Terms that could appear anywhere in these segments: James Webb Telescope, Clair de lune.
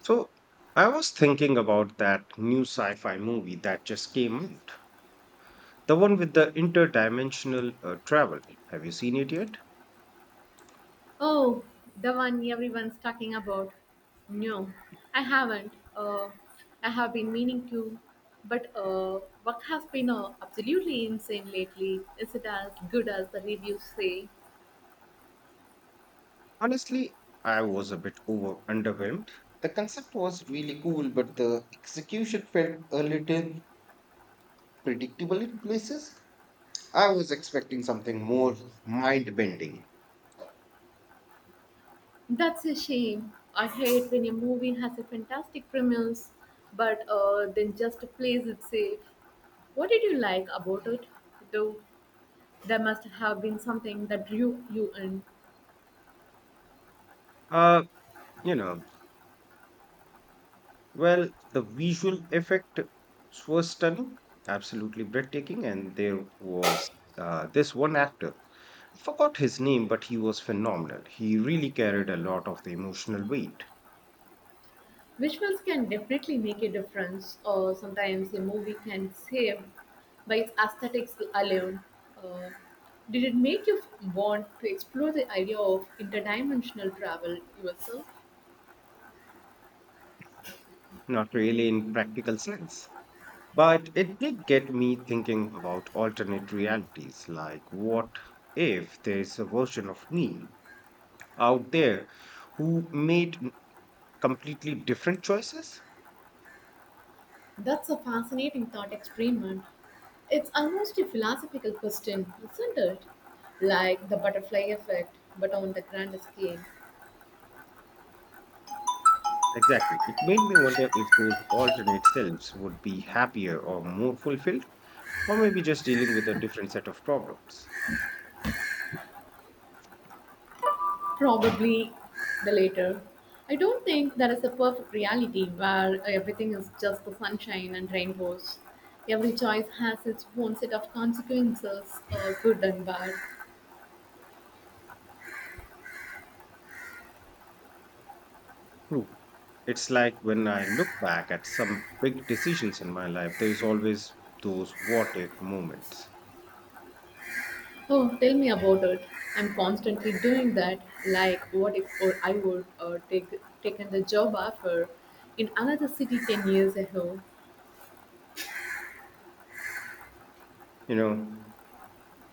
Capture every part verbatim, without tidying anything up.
So I was thinking about that new sci-fi movie that just came out. The one with the interdimensional uh, travel. Have you seen it yet? Oh, the one everyone's talking about. No, I haven't. Uh, I have been meaning to, but uh, work has been uh, absolutely insane lately. Is it as good as the reviews say? Honestly, I was a bit over underwhelmed. The concept was really cool, but the execution felt a little predictable in places. I was expecting something more mind bending. That's a shame. I hate when a movie has a fantastic premise, but uh, then just plays it safe. What did you like about it, though? There must have been something that drew you in. Uh, you know, well, the visual effect was stunning, absolutely breathtaking, and there was uh, this one actor. I forgot his name, but he was phenomenal. He really carried a lot of the emotional weight, Visuals can definitely make a difference, or sometimes a movie can save by its aesthetics alone. Uh, did it make you want to explore the idea of interdimensional travel yourself? not really in practical sense. But it did get me thinking about alternate realities like, what if there's a version of me out there who made n- completely different choices? That's a fascinating thought experiment. It's almost a philosophical question, isn't it? Like the butterfly effect, but on the grand scale. Exactly. It made me wonder if those alternate selves would be happier or more fulfilled, or maybe just dealing with a different set of problems. Probably the later. I don't think there is a perfect reality where everything is just the sunshine and rainbows. Every choice has its own set of consequences, uh, good and bad. True. It's like when I look back at some big decisions in my life, there is always those what if moments, Oh, tell me about it. I'm constantly doing that. Like, what if or I would uh, take taken the job offer in another city ten years ago? you know?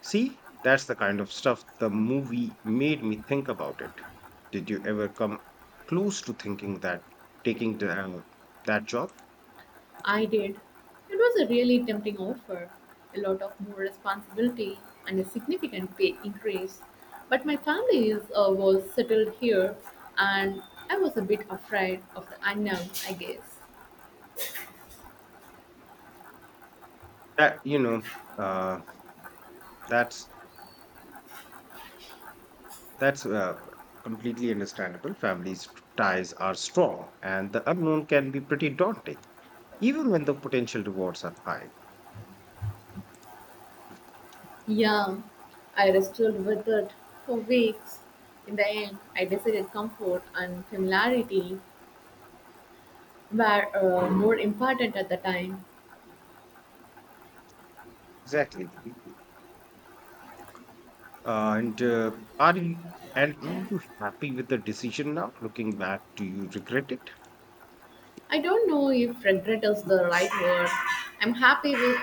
See, that's the kind of stuff the movie made me think about it. Did you ever come close to thinking that taking the, uh, that job? I did. It was a really tempting offer, a lot of more responsibility and a significant pay increase. But my family is, uh, was settled here, and I was a bit afraid of the unknown, I guess. That you know, uh, that's that's uh, completely understandable. Families ties are strong, and the unknown can be pretty daunting, even when the potential rewards are high. Yeah, I wrestled with it for weeks. In the end, I decided comfort and familiarity were uh, more important at the time. Exactly. And uh, are you and are you happy with the decision now? Looking back, do you regret it? I don't know if regret is the right word. I'm happy with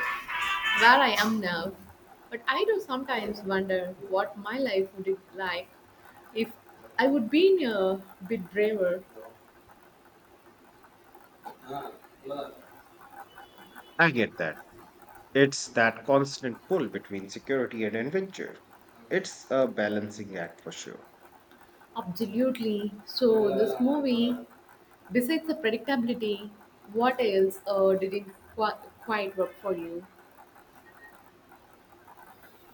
where I am now. But I do sometimes wonder what my life would be like if I would be a bit braver. I get that. It's that constant pull between security and adventure. It's a balancing act for sure. Absolutely. So this movie, besides the predictability, what else uh, did it qu- quite work for you?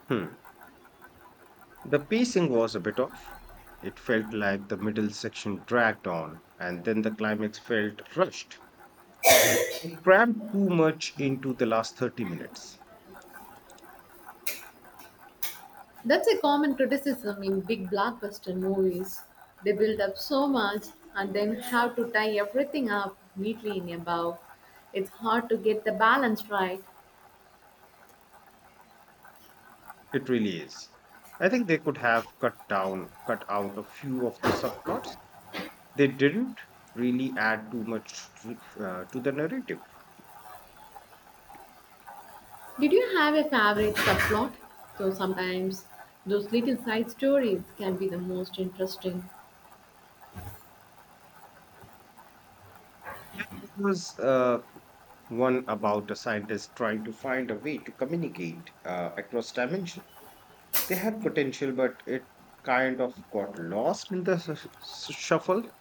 Hmm. The pacing was a bit off. It felt like the middle section dragged on, and then the climax felt rushed. It crammed too much into the last thirty minutes. That's a common criticism in big blockbuster movies. They build up so much and then have to tie everything up neatly in a bow. It's hard to get the balance right. It really is. I think they could have cut down, cut out a few of the subplots. They didn't really add too much to, uh, to the narrative. Did you have a favorite subplot? So sometimes those little side stories can be the most interesting. Was uh, one about a scientist trying to find a way to communicate uh, across dimension. They had potential, but it kind of got lost in the s- s- shuffle.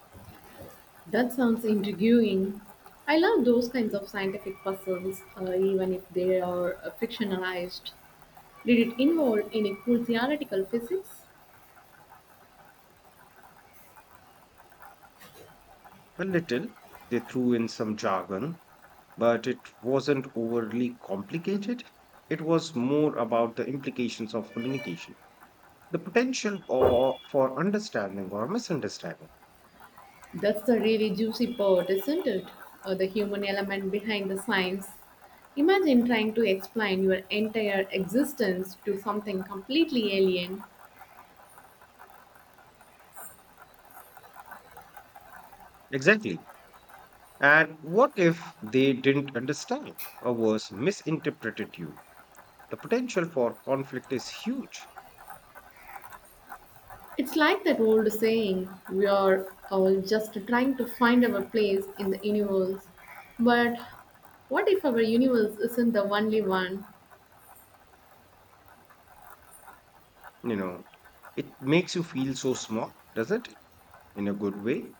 That sounds intriguing. I love those kinds of scientific puzzles, uh, even if they are uh, fictionalized. Did it involve any cool theoretical physics? A little. They threw in some jargon, but it wasn't overly complicated. It was more about the implications of communication, the potential or for understanding or misunderstanding. That's the really juicy part, isn't it? Uh, the human element behind the science. Imagine trying to explain your entire existence to something completely alien. Exactly. And what if they didn't understand or was misinterpreted you? The potential for conflict is huge. It's like that old saying, we are all just trying to find our place in the universe. But what if our universe isn't the only one? You know, it makes you feel so small, doesn't it? In a good way.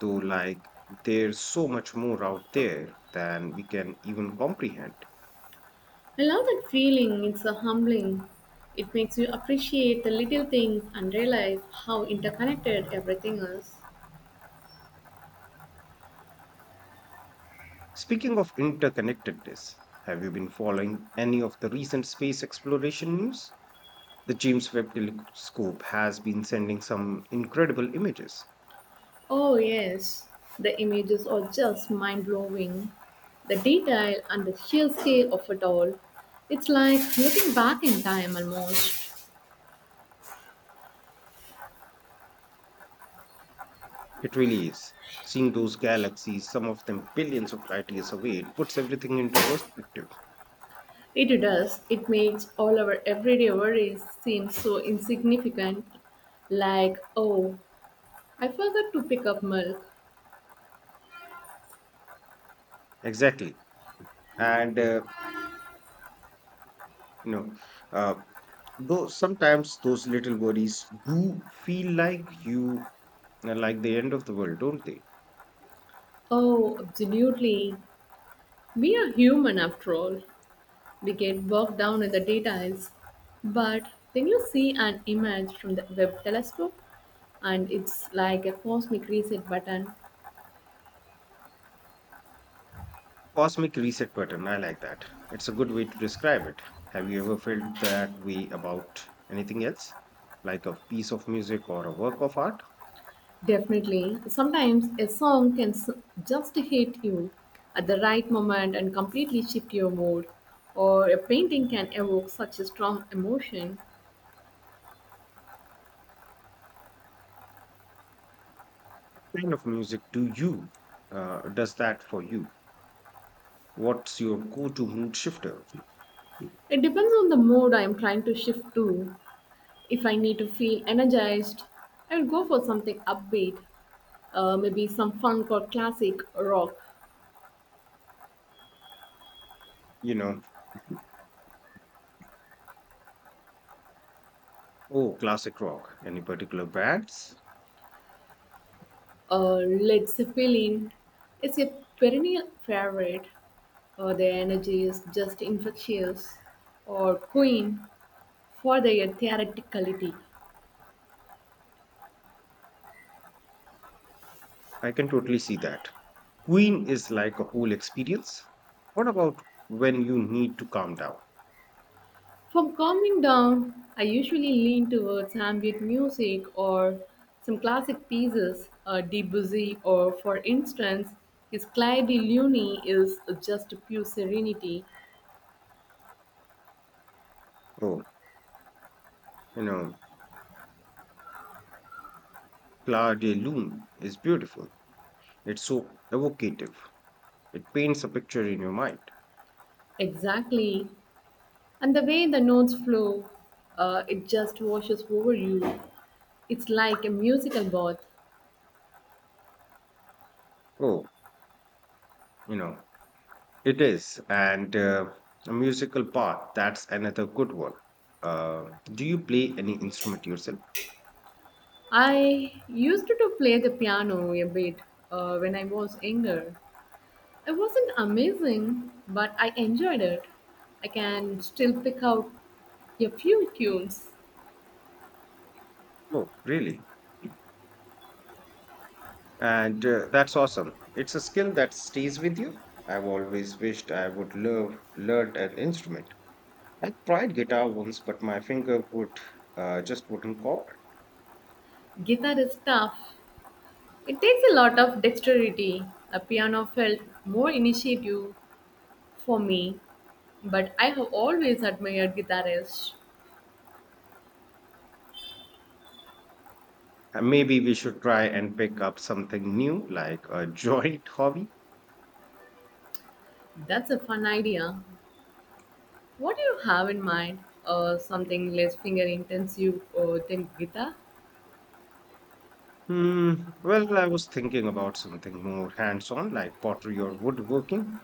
Though, like, there's so much more out there than we can even comprehend. I love that feeling, it's a humbling. It makes you appreciate the little things and realize how interconnected everything is. Speaking of interconnectedness, have you been following any of the recent space exploration news? The James Webb Telescope has been sending some incredible images. Oh, yes, the images are just mind blowing. The detail and the sheer scale of it all. It's like looking back in time almost. It really is. Seeing those galaxies, some of them billions of light years away, it puts everything into perspective. It does. It makes all our everyday worries seem so insignificant. Like, oh, I forgot to pick up milk. Exactly. And, uh, you know, uh, though sometimes those little worries do feel like you, uh, like the end of the world, don't they? Oh, absolutely. We are human after all. We get bogged down in the details. But then you see an image from the Webb telescope, and it's like a cosmic reset button. Cosmic reset button, I like that. It's a good way to describe it. Have you ever felt that way about anything else? Like a piece of music or a work of art? Definitely. Sometimes a song can s- just hit you at the right moment and completely shift your mood, or a painting can evoke such a strong emotion. Kind of music do you uh, does that for you? What's your go-to mood shifter? It depends on the mood I am trying to shift to. If I need to feel energized, I will go for something upbeat, uh, maybe some funk or classic rock, You know, oh, classic rock, any particular bands? uh, Led Zeppelin. Is a perennial favorite. Uh, their energy is just infectious. Or Queen. For their theatricality. I can totally see that. Queen is like a whole experience. What about when you need to calm down? For calming down, I usually lean towards ambient music or some classic pieces, uh, Debussy, or for instance, his Clair de Lune is just pure serenity, Oh, you know, Claude de lune is beautiful. It's so evocative. It paints a picture in your mind. exactly. And the way the notes flow, uh, it just washes over you. It's like a musical bath. Oh, you know, it is, and uh, a musical part, that's another good one. Uh, do you play any instrument yourself? I used to play the piano a bit uh, when I was younger. It wasn't amazing, but I enjoyed it. I can still pick out a few tunes. Oh, really? And uh, That's awesome. It's a skill that stays with you. I've always wished I would love learned an instrument. I tried guitar once, but my finger would uh, just wouldn't cooperate. Guitar is tough. It takes a lot of dexterity. A piano felt more initiative for me, but I have always admired guitarists. Uh, Maybe we should try and pick up something new, like a joint hobby. That's a fun idea. What do you have in mind? Or something less finger intensive or than guitar? Hmm. Well, I was thinking about something more hands-on, like pottery or woodworking.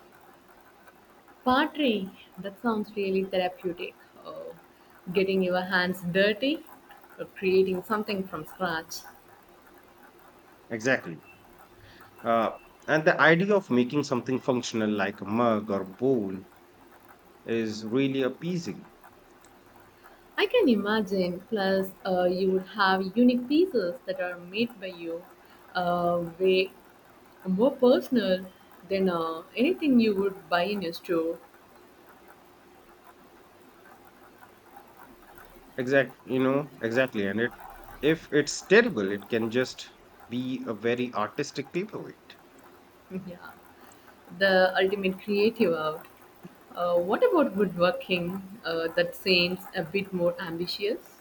Pottery, that sounds really therapeutic. Uh, Getting your hands dirty, or creating something from scratch. Exactly. Uh, and the idea of making something functional like a mug or bowl is really appeasing. I can imagine. Plus, uh, you would have unique pieces that are made by you, uh, way more personal than uh, anything you would buy in a store. Exact, you know, exactly. And it, if it's terrible, it can just be a very artistic paperweight. yeah, the ultimate creative out. Uh, what about woodworking? Uh, that seems a bit more ambitious.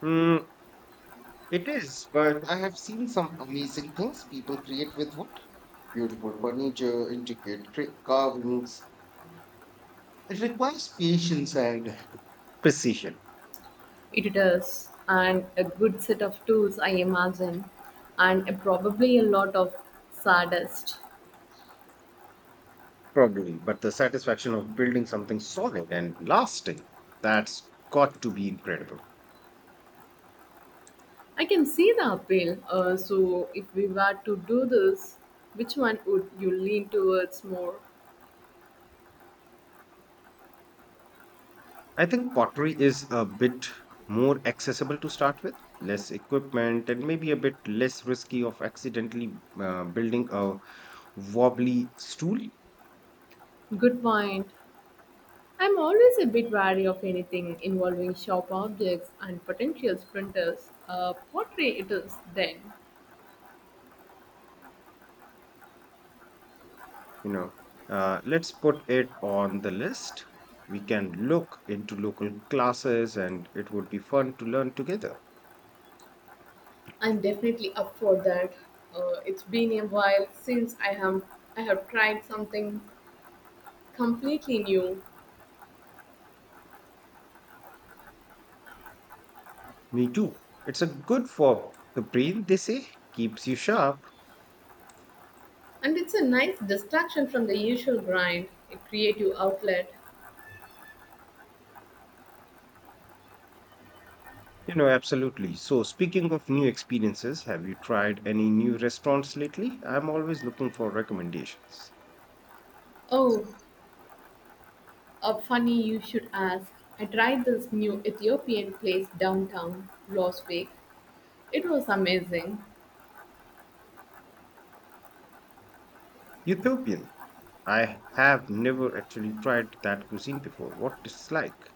Hmm. It is, but I have seen some amazing things people create with wood. Beautiful furniture, intricate cra- carvings. It requires patience and precision, It does, and a good set of tools, I imagine, and uh, probably a lot of sawdust. probably, but the satisfaction of building something solid and lasting, that's got to be incredible. I can see the appeal. Uh, so, if we were to do this, which one would you lean towards more? I think pottery is a bit more accessible to start with, less equipment, and maybe a bit less risky of accidentally uh, building a wobbly stool. Good point. I'm always a bit wary of anything involving sharp objects and potential sprinters. Uh, pottery, it is then. You know, uh, let's put it on the list. We can look into local classes, and it would be fun to learn together. I'm definitely up for that. Uh, it's been a while since I have I have tried something completely new Me too. It's a good for the brain, they say. Keeps you sharp. and it's a nice distraction from the usual grind a creative outlet You know, absolutely. So speaking of new experiences, have you tried any new restaurants lately? I'm always looking for recommendations. oh uh, funny you should ask I tried this new ethiopian place downtown last week it was amazing Utopian, I have never actually tried that cuisine before. What it's like?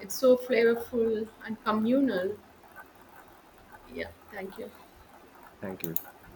it's so flavorful and communal yeah thank you Thank you.